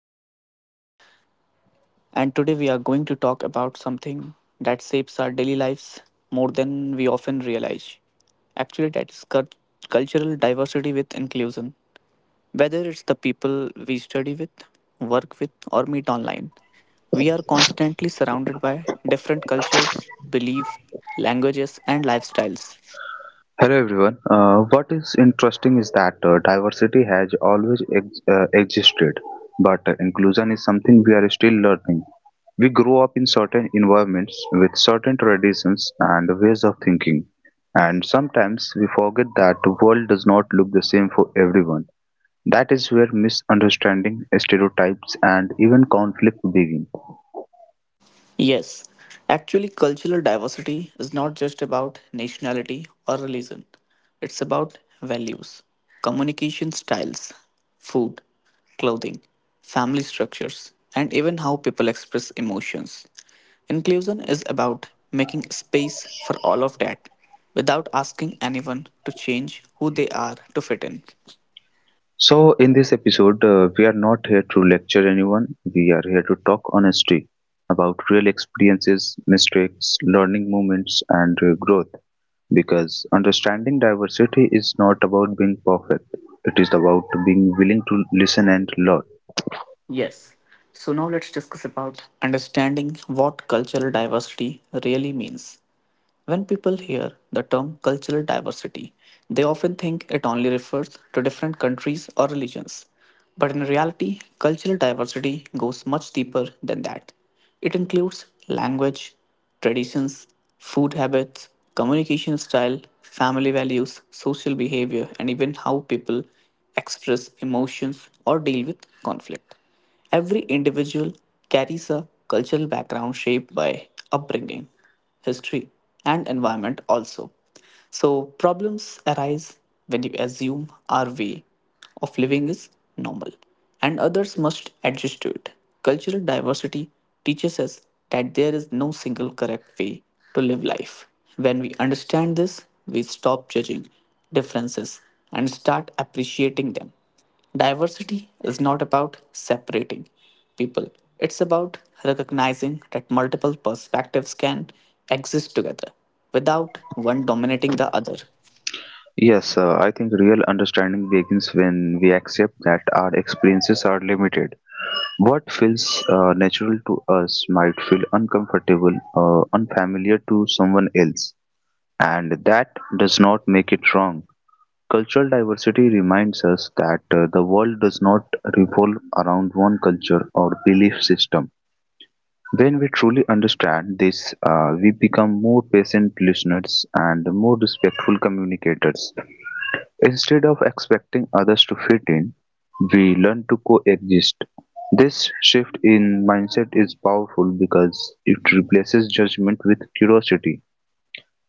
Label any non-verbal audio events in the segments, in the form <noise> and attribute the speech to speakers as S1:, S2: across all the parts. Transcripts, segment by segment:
S1: another podcast. And today we are going to talk about something that shapes our daily lives more than we often realize. Actually that is cultural diversity with inclusion. Whether it's the people we study with, work with or meet online, we are constantly surrounded by different cultures, beliefs, languages and lifestyles.
S2: Hello everyone. What is interesting is that diversity has always existed, but inclusion is something we are still learning. We grow up in certain environments with certain traditions and ways of thinking, and sometimes we forget that the world does not look the same for everyone. That is where misunderstanding, stereotypes, and even conflict begin.
S1: Yes, actually, cultural diversity is not just about nationality or religion, it's about values, communication styles, food, clothing, family structures, and even how people express emotions. Inclusion is about making space for all of that without asking anyone to change who they are to fit in.
S2: So, in this episode, we are not here to lecture anyone. We are here to talk honestly about real experiences, mistakes, learning moments, and growth. Because understanding diversity is not about being perfect, it is about being willing to listen and learn.
S1: Yes. So now let's discuss about understanding what cultural diversity really means. When people hear the term cultural diversity, they often think it only refers to different countries or religions. But in reality, cultural diversity goes much deeper than that. It includes language, traditions, food habits, communication style, family values, social behavior, and even how people express emotions or deal with conflict. Every individual carries a cultural background shaped by upbringing history, and environment also. So, problems arise when you assume our way of living is normal and others must adjust to it. Cultural diversity teaches us that there is no single correct way to live life. When we understand this, we stop judging differences and start appreciating them. Diversity is not about separating people, it's about recognizing that multiple perspectives can exist together without one dominating the other.
S2: Yes, I think real understanding begins when we accept that our experiences are limited. What feels natural to us might feel uncomfortable or unfamiliar to someone else. And that does not make it wrong. Cultural diversity reminds us that the world does not revolve around one culture or belief system. When we truly understand this, we become more patient listeners and more respectful communicators. Instead of expecting others to fit in, we learn to coexist. This shift in mindset is powerful because it replaces judgment with curiosity.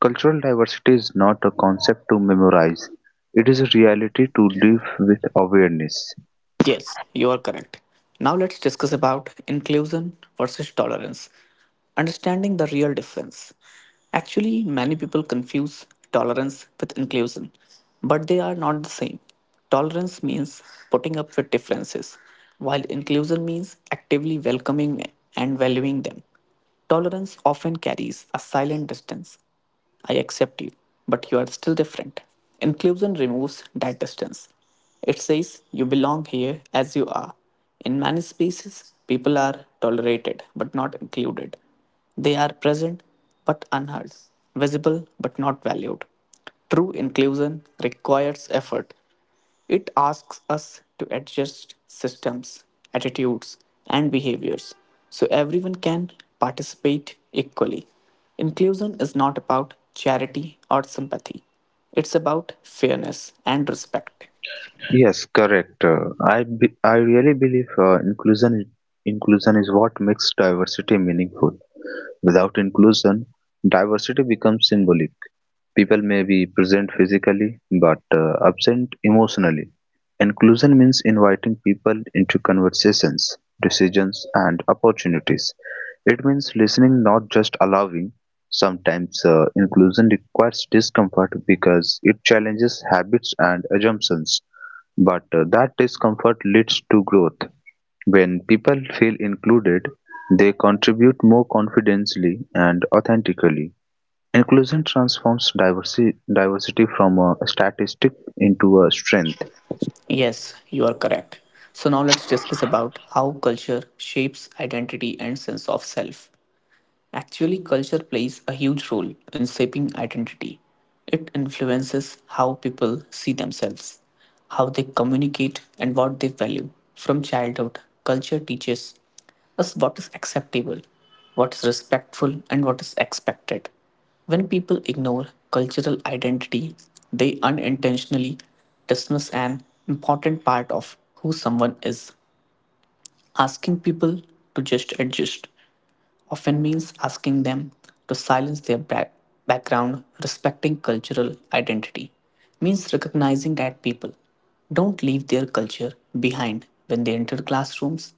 S2: Cultural diversity is not a concept to memorize. It is a reality to live with awareness.
S1: Yes, you are correct. Now let's discuss about inclusion versus tolerance. Understanding the real difference. Actually, many people confuse tolerance with inclusion, but they are not the same. Tolerance means putting up with differences, while inclusion means actively welcoming and valuing them. Tolerance often carries a silent distance, I accept you, but you are still different. Inclusion removes that distance. It says you belong here as you are. In many spaces, people are tolerated but not included. They are present but unheard, visible but not valued. True inclusion requires effort, it asks us to adjust systems, attitudes, and behaviors so everyone can participate equally. Inclusion is not about charity or sympathy, it's about fairness and respect.
S2: Yes, correct. I really believe inclusion is what makes diversity meaningful. Without inclusion, diversity becomes symbolic. People may be present physically but absent emotionally. Inclusion means inviting people into conversations, decisions, and opportunities. It means listening, not just allowing. Sometimes inclusion requires discomfort because it challenges habits and assumptions, but that discomfort leads to growth. When people feel included, they contribute more confidently and authentically. Inclusion transforms diversity from a statistic into a strength.
S1: Yes, you are correct. So now let's discuss about how culture shapes identity and sense of self. Actually, culture plays a huge role in shaping identity. It influences how people see themselves, how they communicate, and what they value. From childhood, culture teaches us what is acceptable, what is respectful, and what is expected. When people ignore cultural identity, they unintentionally dismiss an important part of who someone is. Asking people to just adjust often means asking them to silence their background, respecting cultural identity, means recognizing that people don't leave their culture behind when they enter classrooms,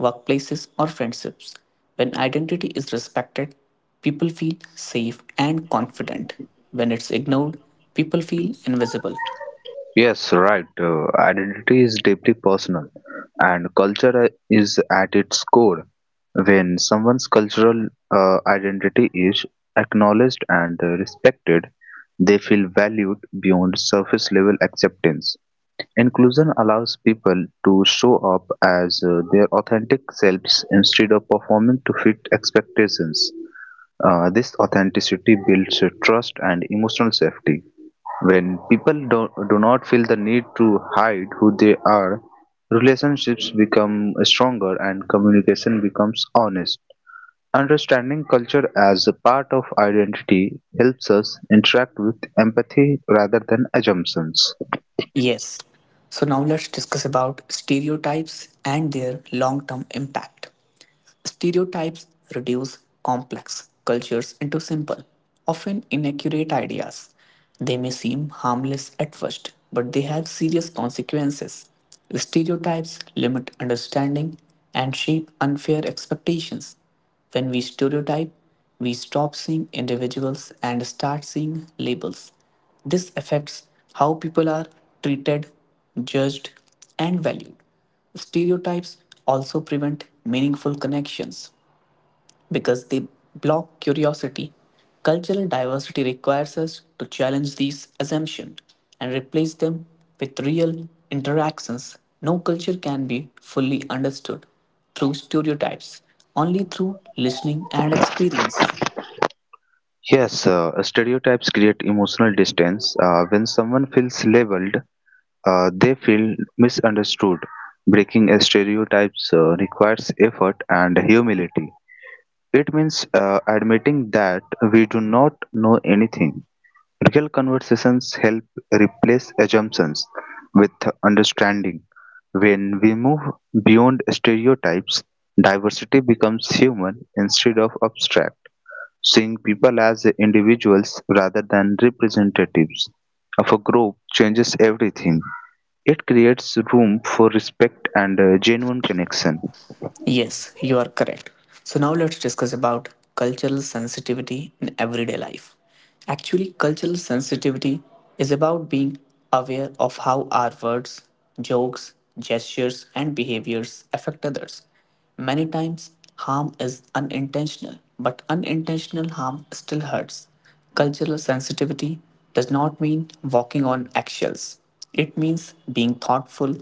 S1: workplaces, or friendships. When identity is respected, people feel safe and confident. When it's ignored, people feel invisible.
S2: Yes, right. Identity is deeply personal, and culture is at its core. When someone's cultural identity is acknowledged and respected, they feel valued beyond surface level acceptance. Inclusion allows people to show up as their authentic selves instead of performing to fit expectations. This authenticity builds trust and emotional safety. When people do not feel the need to hide who they are, relationships become stronger and communication becomes honest. Understanding culture as a part of identity helps us interact with empathy rather than assumptions.
S1: Yes. So now let's discuss about stereotypes and their long-term impact. Stereotypes reduce complex cultures into simple, often inaccurate ideas. They may seem harmless at first, but they have serious consequences. Stereotypes limit understanding and shape unfair expectations. When we stereotype, we stop seeing individuals and start seeing labels. This affects how people are treated, judged, and valued. Stereotypes also prevent meaningful connections because they block curiosity. Cultural diversity requires us to challenge these assumptions and replace them with real interactions. No culture can be fully understood through stereotypes, only through listening and experience.
S2: Yes, stereotypes create emotional distance. When someone feels labeled, they feel misunderstood. Breaking a stereotypes requires effort and humility. It means admitting that we do not know anything. Real conversations help replace assumptions with understanding. When we move beyond stereotypes, diversity becomes human instead of abstract. Seeing people as individuals rather than representatives of a group changes everything. It creates room for respect and genuine connection.
S1: Yes, you are correct. So now let's discuss about cultural sensitivity in everyday life. Actually, cultural sensitivity is about being aware of how our words, jokes, gestures, and behaviors affect others. Many times, harm is unintentional, but unintentional harm still hurts. Cultural sensitivity does not mean walking on eggshells. It means being thoughtful.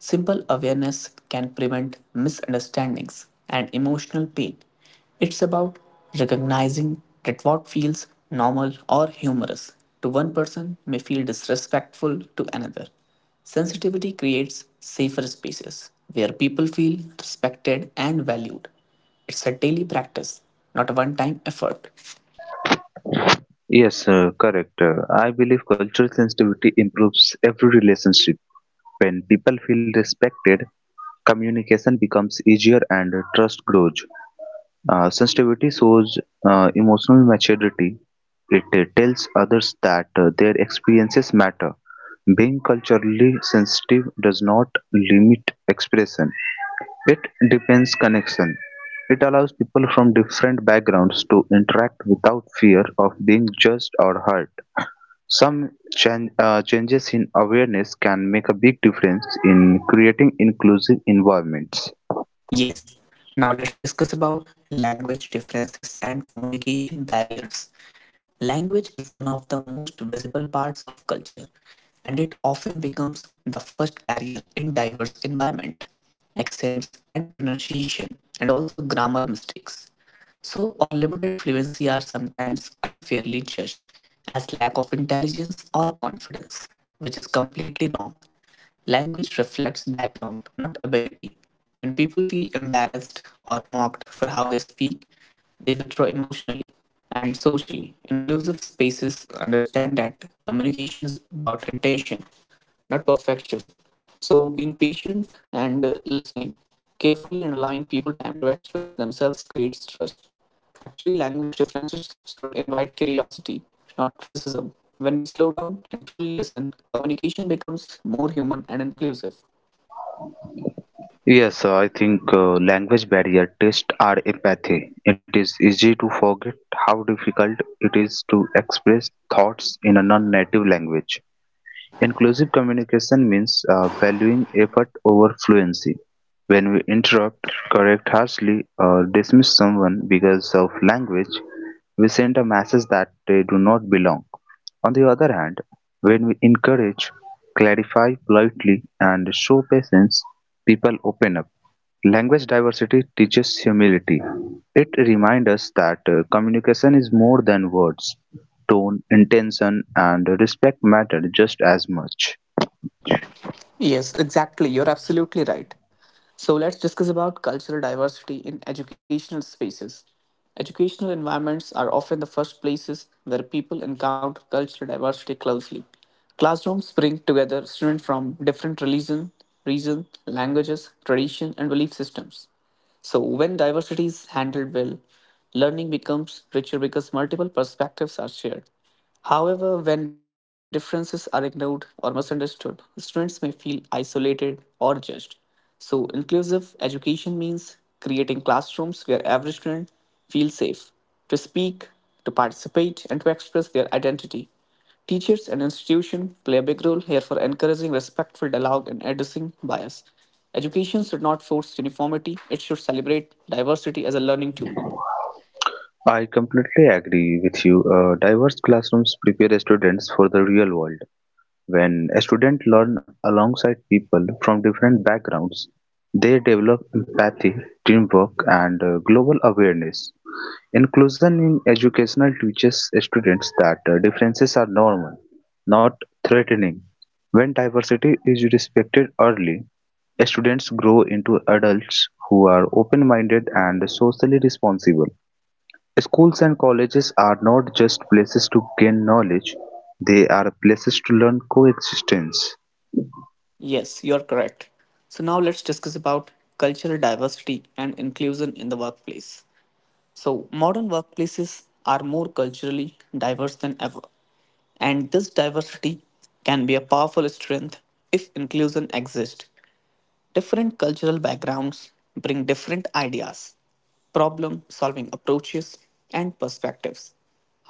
S1: Simple awareness can prevent misunderstandings and emotional pain. It's about recognizing that what feels normal or humorous to one person may feel disrespectful to another. Sensitivity creates safer spaces where people feel respected and valued. It's a daily practice, not a one time effort.
S2: Yes, correct. I believe cultural sensitivity improves every relationship. When people feel respected, communication becomes easier and trust grows. Sensitivity shows emotional maturity. It tells others that their experiences matter. Being culturally sensitive does not limit expression, it depends connection. It allows people from different backgrounds to interact without fear of being judged or hurt. Some changes in awareness can make a big difference in creating inclusive environments.
S1: Yes, now let's discuss about language differences and communication barriers. Language is one of the most visible parts of culture, and it often becomes the first barrier in diverse environment. Accents and pronunciation, and also grammar mistakes. So, or limited fluency are sometimes unfairly judged as lack of intelligence or confidence, which is completely wrong. Language reflects background, not ability. When people feel embarrassed or mocked for how they speak, they withdraw emotionally and socially. Inclusive spaces understand that communication is about intention, not perfection. So, being patient and listening carefully and allowing people time to express themselves creates trust. Actually, language differences should invite curiosity, not criticism. When we slow down and truly listen, communication becomes more human and inclusive.
S2: Yes, I think language barrier tests our empathy. It is easy to forget how difficult it is to express thoughts in a non native language. Inclusive communication means valuing effort over fluency. When we interrupt, correct harshly, or dismiss someone because of language, we send a message that they do not belong. On the other hand, when we encourage, clarify politely, and show patience, people open up. Language diversity teaches humility. It reminds us that communication is more than words. Tone, intention, and respect matter just as much.
S1: Yes, exactly. You're absolutely right. So let's discuss about cultural diversity in educational spaces. Educational environments are often the first places where people encounter cultural diversity closely. Classrooms bring together students from different religion, reason, languages, tradition, and belief systems. So when diversity is handled well, learning becomes richer because multiple perspectives are shared. However, when differences are ignored or misunderstood, students may feel isolated or judged. So, inclusive education means creating classrooms where every student feels safe to speak, to participate, and to express their identity. Teachers and institutions play a big role here for encouraging respectful dialogue and addressing bias. Education should not force uniformity, it should celebrate diversity as a learning tool.
S2: I completely agree with you. Diverse classrooms prepare students for the real world. When students learn alongside people from different backgrounds, they develop empathy, teamwork, and global awareness. Inclusion in educational teaches students that differences are normal, not threatening. When diversity is respected early, students grow into adults who are open-minded and socially responsible. Schools and colleges are not just places to gain knowledge, they are places to learn coexistence.
S1: Yes, you are correct. So now let's discuss about cultural diversity and inclusion in the workplace. So modern workplaces are more culturally diverse than ever, and this diversity can be a powerful strength if inclusion exists. Different cultural backgrounds bring different ideas problem solving approaches, and perspectives.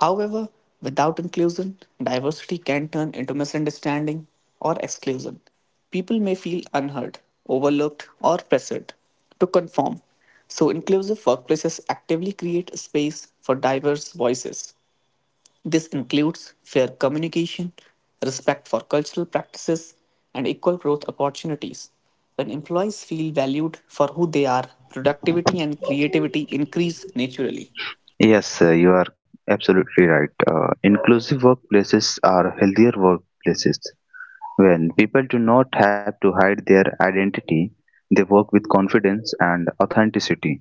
S1: However, without inclusion, diversity can turn into misunderstanding or exclusion. People may feel unheard, overlooked, or pressured to conform. So, inclusive workplaces actively create a space for diverse voices this includes fair communication, respect for cultural practices, and equal growth opportunities. When employees feel valued for who they are, productivity and creativity increase naturally.
S2: Yes, you are absolutely right. Inclusive workplaces are healthier workplaces. When people do not have to hide their identity, they work with confidence and authenticity.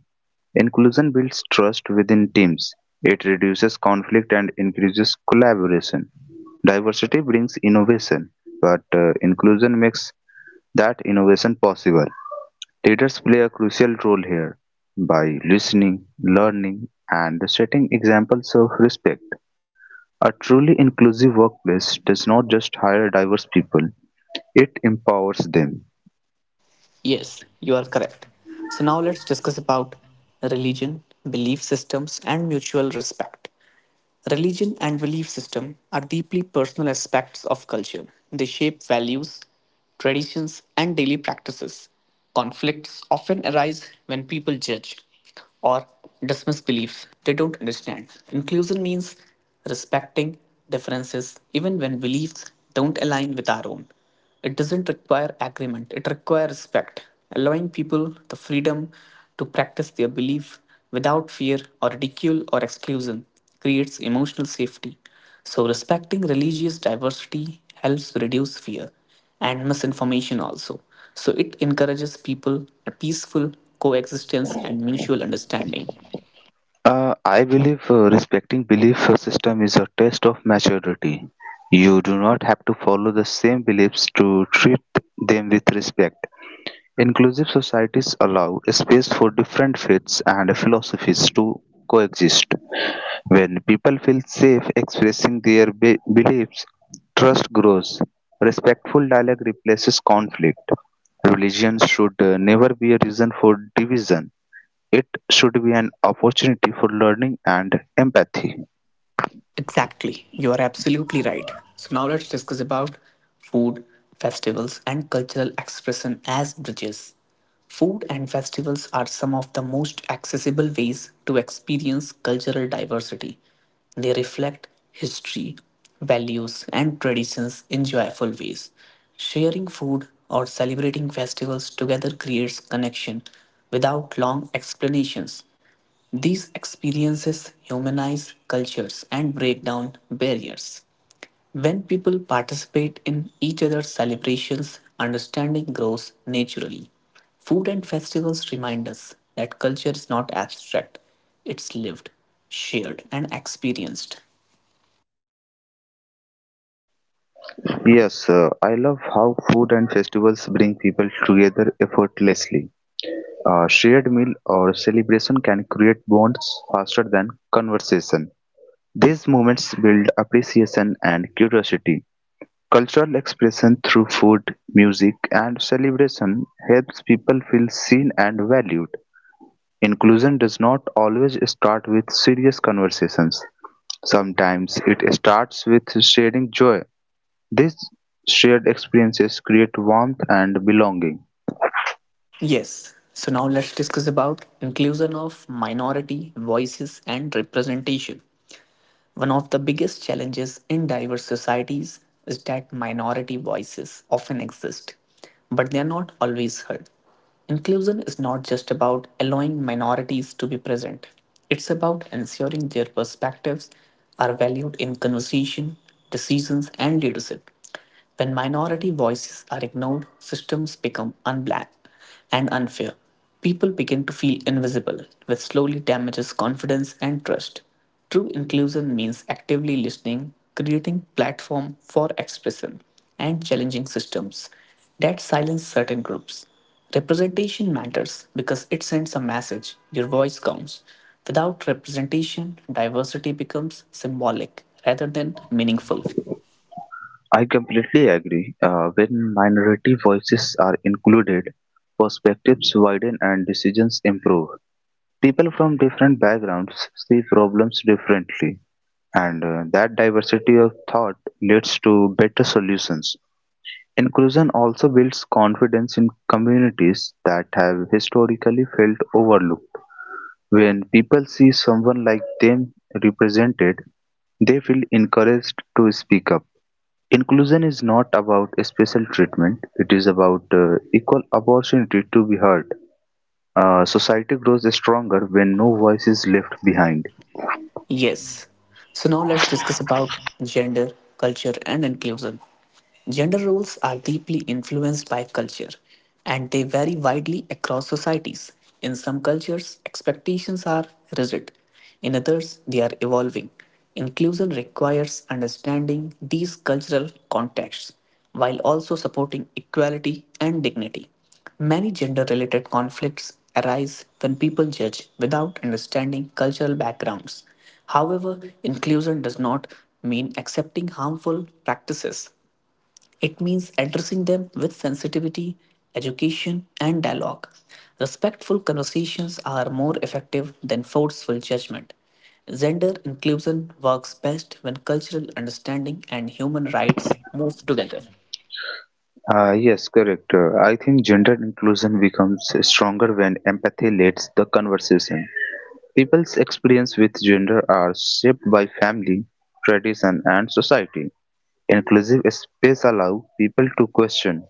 S2: Inclusion builds trust within teams. It reduces conflict and increases collaboration. Diversity brings innovation, but inclusion makes that innovation possible. Leaders play a crucial role here by listening, learning, and setting examples of respect. A truly inclusive workplace does not just hire diverse people, it empowers them.
S1: Yes, you are correct. So now let's discuss about religion, belief systems, and mutual respect. Religion and belief system are deeply personal aspects of culture. They shape values, traditions, and daily practices. Conflicts often arise when people judge or dismiss beliefs they don't understand. Inclusion means respecting differences even when beliefs don't align with our own. It doesn't require agreement, it requires respect, allowing people the freedom to practice their belief without fear or ridicule or exclusion creates emotional safety. So, respecting religious diversity helps reduce fear and misinformation also. So, it encourages people a peaceful coexistence and mutual understanding.
S2: I believe respecting belief system is a test of maturity. You do not have to follow the same beliefs to treat them with respect. Inclusive societies allow space for different faiths and philosophies to coexist. When people feel safe expressing their beliefs, trust grows. Respectful dialogue replaces conflict. Religion should never be a reason for division. It should be an opportunity for learning and empathy.
S1: Exactly. You are absolutely right. So now let's discuss about food, festivals and cultural expression as bridges. Food and festivals are some of the most accessible ways to experience cultural diversity. They reflect history, values and traditions in joyful ways. Sharing food or celebrating festivals together creates connection without long explanations. These experiences humanize cultures and break down barriers. When people participate in each other's celebrations, understanding grows naturally. Food and festivals remind us that culture is not abstract, it's lived, shared, and experienced.
S2: Yes, I love how food and festivals bring people together effortlessly. A shared meal or celebration can create bonds faster than conversation. These moments build appreciation and curiosity. Cultural expression through food, music, and celebration helps people feel seen and valued. Inclusion does not always start with serious conversations. Sometimes it starts with sharing joy. These shared experiences create warmth and belonging.
S1: Yes, so now let's discuss about inclusion of minority voices and representation. One of the biggest challenges in diverse societies is that minority voices often exist, but they are not always heard. Inclusion is not just about allowing minorities to be present, it's about ensuring their perspectives are valued in conversation, decisions, and leadership. When minority voices are ignored, systems become unblack and unfair. People begin to feel invisible, which slowly damages confidence and trust. True inclusion means actively listening, creating platform for expression, and challenging systems that silence certain groups. Representation matters because it sends a message your voice counts. Without representation, diversity becomes symbolic rather than meaningful.
S2: I completely agree. When minority voices are included, perspectives widen and decisions improve. People from different backgrounds see problems differently, and that diversity of thought leads to better solutions. Inclusion also builds confidence in communities that have historically felt overlooked. When people see someone like them represented, they feel encouraged to speak up. Inclusion is not about a special treatment, it is about equal opportunity to be heard. Society grows stronger when no voice is left behind.
S1: Yes. So now let's discuss about gender, culture, and inclusion. Gender roles are deeply influenced by culture and they vary widely across societies. In some cultures, expectations are rigid, in others, they are evolving. Inclusion requires understanding these cultural contexts while also supporting equality and dignity. Many gender related conflicts arise when people judge without understanding cultural backgrounds. However, inclusion does not mean accepting harmful practices. It means addressing them with sensitivity, education, and dialogue. Respectful conversations are more effective than forceful judgment. Gender inclusion works best when cultural understanding and human rights move together.
S2: Yes, correct. I think gender inclusion becomes stronger when empathy leads the conversation. People's experience with gender are shaped by family, tradition, and society. Inclusive space allow people to question,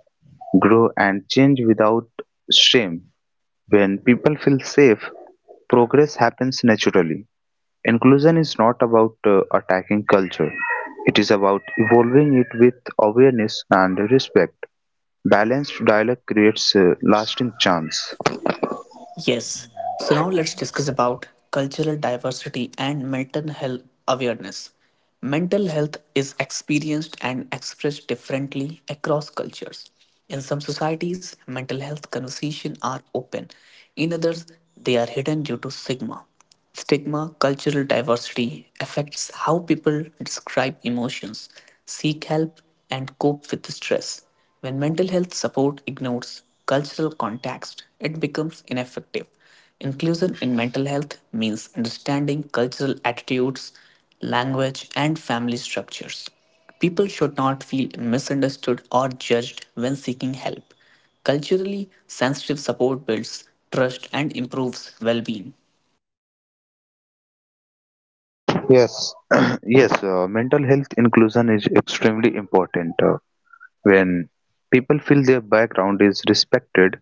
S2: grow and change without shame. When people feel safe, progress happens naturally. Inclusion is not about attacking culture. It is about evolving it with awareness and respect. Balanced dialogue creates lasting chance.
S1: Yes. So now let's discuss about cultural diversity and mental health awareness. Mental health is experienced and expressed differently across cultures. In some societies, mental health conversations are open. In others, they are hidden due to stigma. Stigma, cultural diversity affects how people describe emotions, seek help, and cope with stress. When mental health support ignores cultural context, it becomes ineffective. Inclusion in mental health means understanding cultural attitudes, language, and family structures. People should not feel misunderstood or judged when seeking help. Culturally sensitive support builds trust and improves well being.
S2: Yes, <clears throat> yes, mental health inclusion is extremely important. When people feel their background is respected,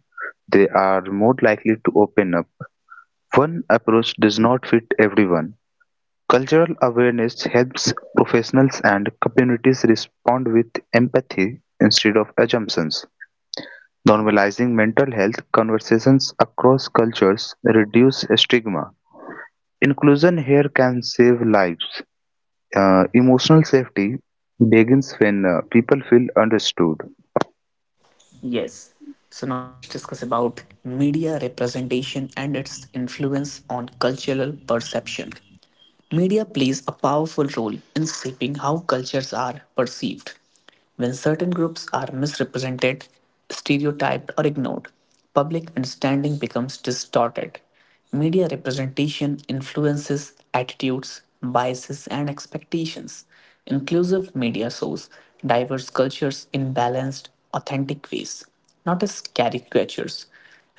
S2: they are more likely to open up. One approach does not fit everyone. Cultural awareness helps professionals and communities respond with empathy instead of assumptions. Normalizing mental health conversations across cultures reduce stigma. Inclusion here can save lives. Emotional safety begins when people feel understood.
S1: Yes. So now let's discuss about media representation and its influence on cultural perception. Media plays a powerful role in shaping how cultures are perceived. When certain groups are misrepresented, stereotyped, or ignored, public understanding becomes distorted. Media representation influences attitudes, biases, and expectations. Inclusive media shows diverse cultures in balanced, authentic ways, not as caricatures.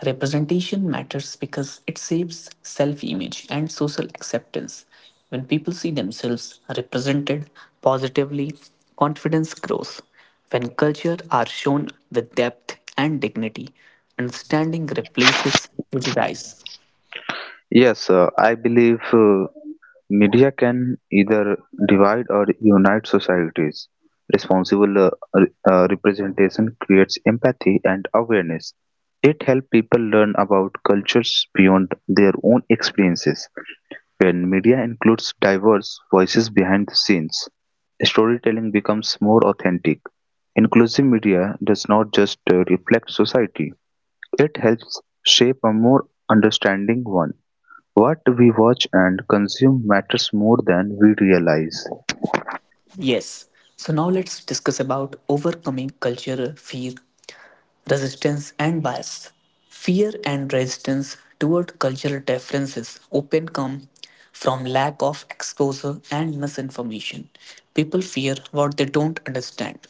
S1: Representation matters because it shapes self image and social acceptance. When people see themselves represented positively, confidence grows. When culture are shown with depth and dignity, understanding replaces prejudice.
S2: Yes, I believe media can either divide or unite societies. Responsible representation creates empathy and awareness. It helps people learn about cultures beyond their own experiences. When media includes diverse voices behind the scenes, storytelling becomes more authentic. Inclusive media does not just reflect society, it helps shape a more understanding one. What we watch and consume matters more than we realize.
S1: Yes. So now let's discuss about overcoming cultural fear resistance and bias. Fear and resistance toward cultural differences often come from lack of exposure and misinformation. People fear what they don't understand.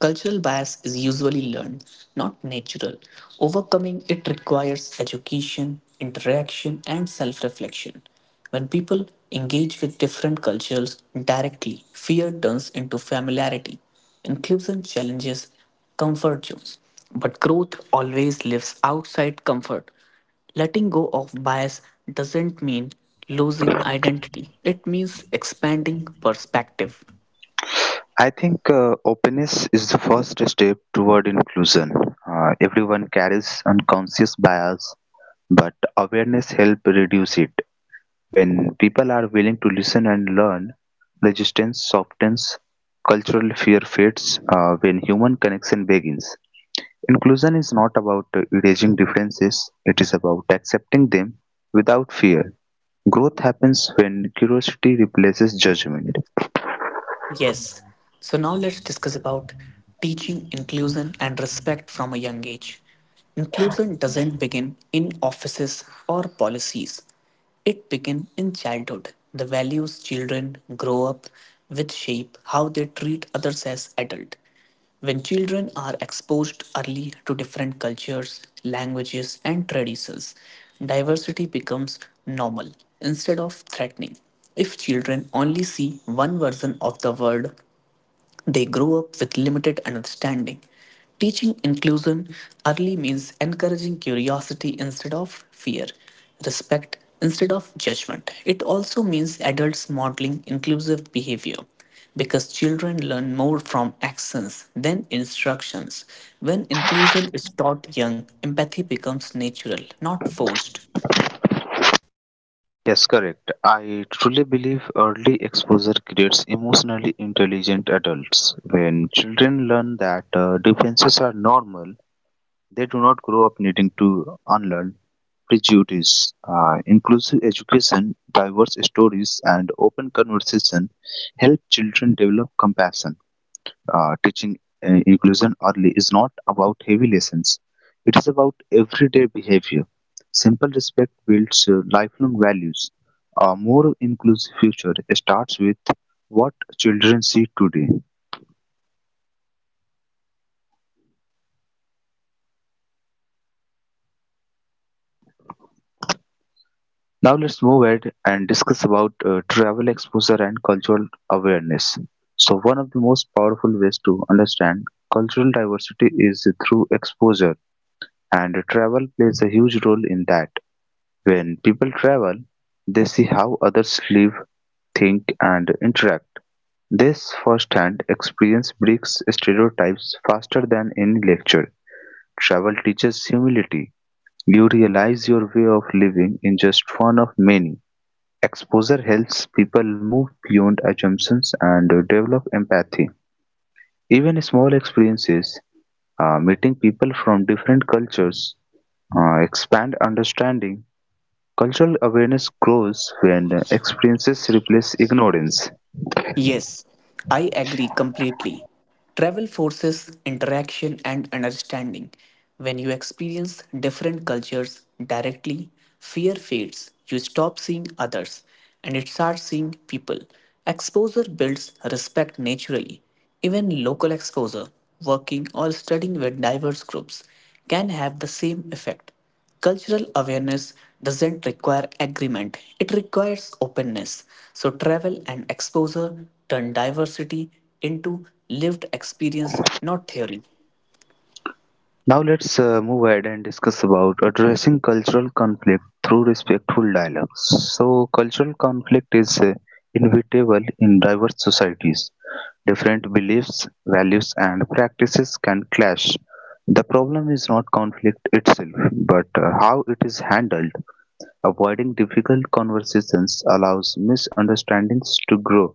S1: Cultural bias is usually learned, not natural. Overcoming it requires education, interaction, and self reflection. When people engage with different cultures directly, fear turns into familiarity. Inclusion challenges comfort zones. But growth always lives outside comfort. Letting go of bias doesn't mean losing identity, it means expanding perspective.
S2: I think openness is the first step toward inclusion. Everyone carries unconscious bias, but awareness helps reduce it. When people are willing to listen and learn, resistance softens, cultural fear fades when human connection begins. Inclusion is not about erasing differences, it is about accepting them without fear. Growth happens when curiosity replaces judgment.
S1: Yes, so now let's discuss about teaching inclusion and respect from a young age. Inclusion doesn't begin in offices or policies. It begins in childhood. The values children grow up with shape how they treat others as adults. When children are exposed early to different cultures, languages, and traditions, diversity becomes normal instead of threatening. If children only see one version of the world, they grow up with limited understanding. Teaching inclusion early means encouraging curiosity instead of fear, respect instead of judgment. It also means adults modeling inclusive behavior because children learn more from actions than instructions. When inclusion is taught young, empathy becomes natural, not forced.
S2: Yes, correct. I truly believe early exposure creates emotionally intelligent adults. When children learn that defenses are normal, they do not grow up needing to unlearn prejudice. Inclusive education, diverse stories, and open conversation help children develop compassion. Teaching inclusion early is not about heavy lessons. It is about everyday behavior. Simple respect builds lifelong values. A more inclusive future starts with what children see today. Now let's move ahead and discuss about travel exposure and cultural awareness. So one of the most powerful ways to understand cultural diversity is through exposure and travel plays a huge role in that. When people travel, they see how others live, think, and interact. This first-hand experience breaks stereotypes faster than any lecture. Travel teaches humility. You realize your way of living in just one of many. Exposure helps people move beyond assumptions and develop empathy. Even small experiences, meeting people from different cultures, expand understanding. Cultural awareness grows when experiences replace ignorance.
S1: Yes, I agree completely. Travel forces interaction and understanding. When you experience different cultures directly, fear fades. You stop seeing others and it starts seeing people. Exposure builds respect naturally. Even local exposure, working or studying with diverse groups, can have the same effect. Cultural awareness doesn't require agreement, it requires openness. So, travel and exposure turn diversity into lived experience, not theory.
S2: Now let's move ahead and discuss about addressing cultural conflict through respectful dialogue. So cultural conflict is inevitable in diverse societies. Different beliefs, values and practices can clash. The problem is not conflict itself, but how it is handled. Avoiding difficult conversations allows misunderstandings to grow.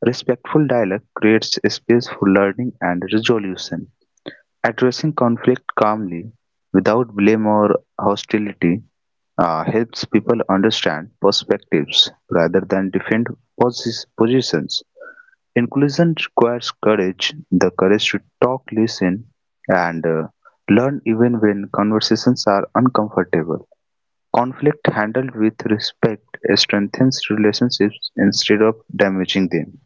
S2: Respectful dialogue creates a space for learning and resolution. Addressing conflict calmly, without blame or hostility, helps people understand perspectives rather than defend positions. Inclusion requires courage the courage to talk, listen, and learn even when conversations are uncomfortable. Conflict handled with respect strengthens relationships instead of damaging them.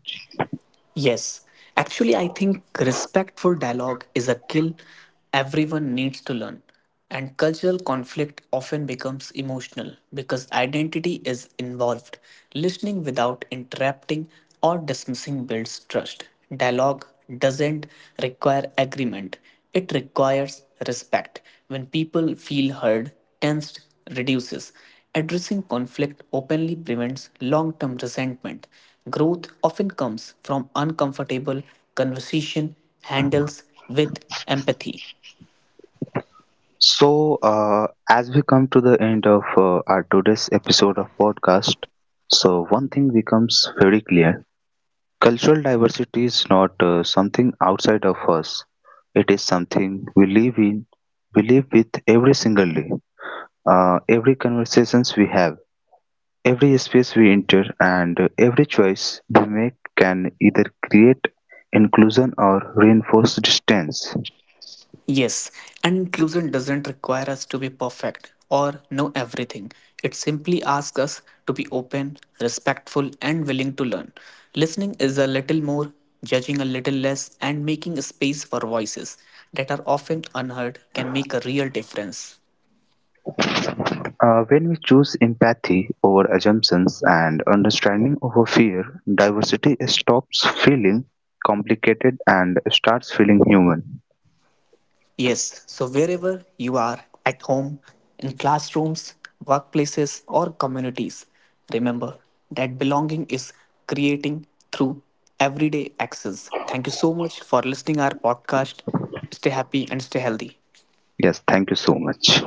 S1: Yes, actually, I think respectful dialogue is a skill everyone needs to learn. And cultural conflict often becomes emotional because identity is involved. Listening without interrupting or dismissing builds trust. Dialogue doesn't require agreement, it requires respect. When people feel heard, tensed reduces. Addressing conflict openly prevents long term resentment. Growth often comes from uncomfortable conversation handles with empathy.
S2: So, as we come to the end of our today's episode of podcast, so one thing becomes very clear: cultural diversity is not something outside of us. It is something we live in, we live with every single day, every conversations we have, every space we enter, and every choice we make can either create inclusion or reinforce distance.
S1: Yes, and inclusion doesn't require us to be perfect or know everything. It simply asks us to be open, respectful, and willing to learn. Listening is a little more, judging a little less, and making space for voices that are often unheard can make a real difference.
S2: When we choose empathy over assumptions and understanding over fear, diversity stops feeling complicated and starts feeling human.
S1: Yes, so wherever you are at home, in classrooms, workplaces, or communities, remember that belonging is creating through everyday actions. Thank you so much for listening our podcast. Stay happy and stay healthy.
S2: Yes, thank you so much.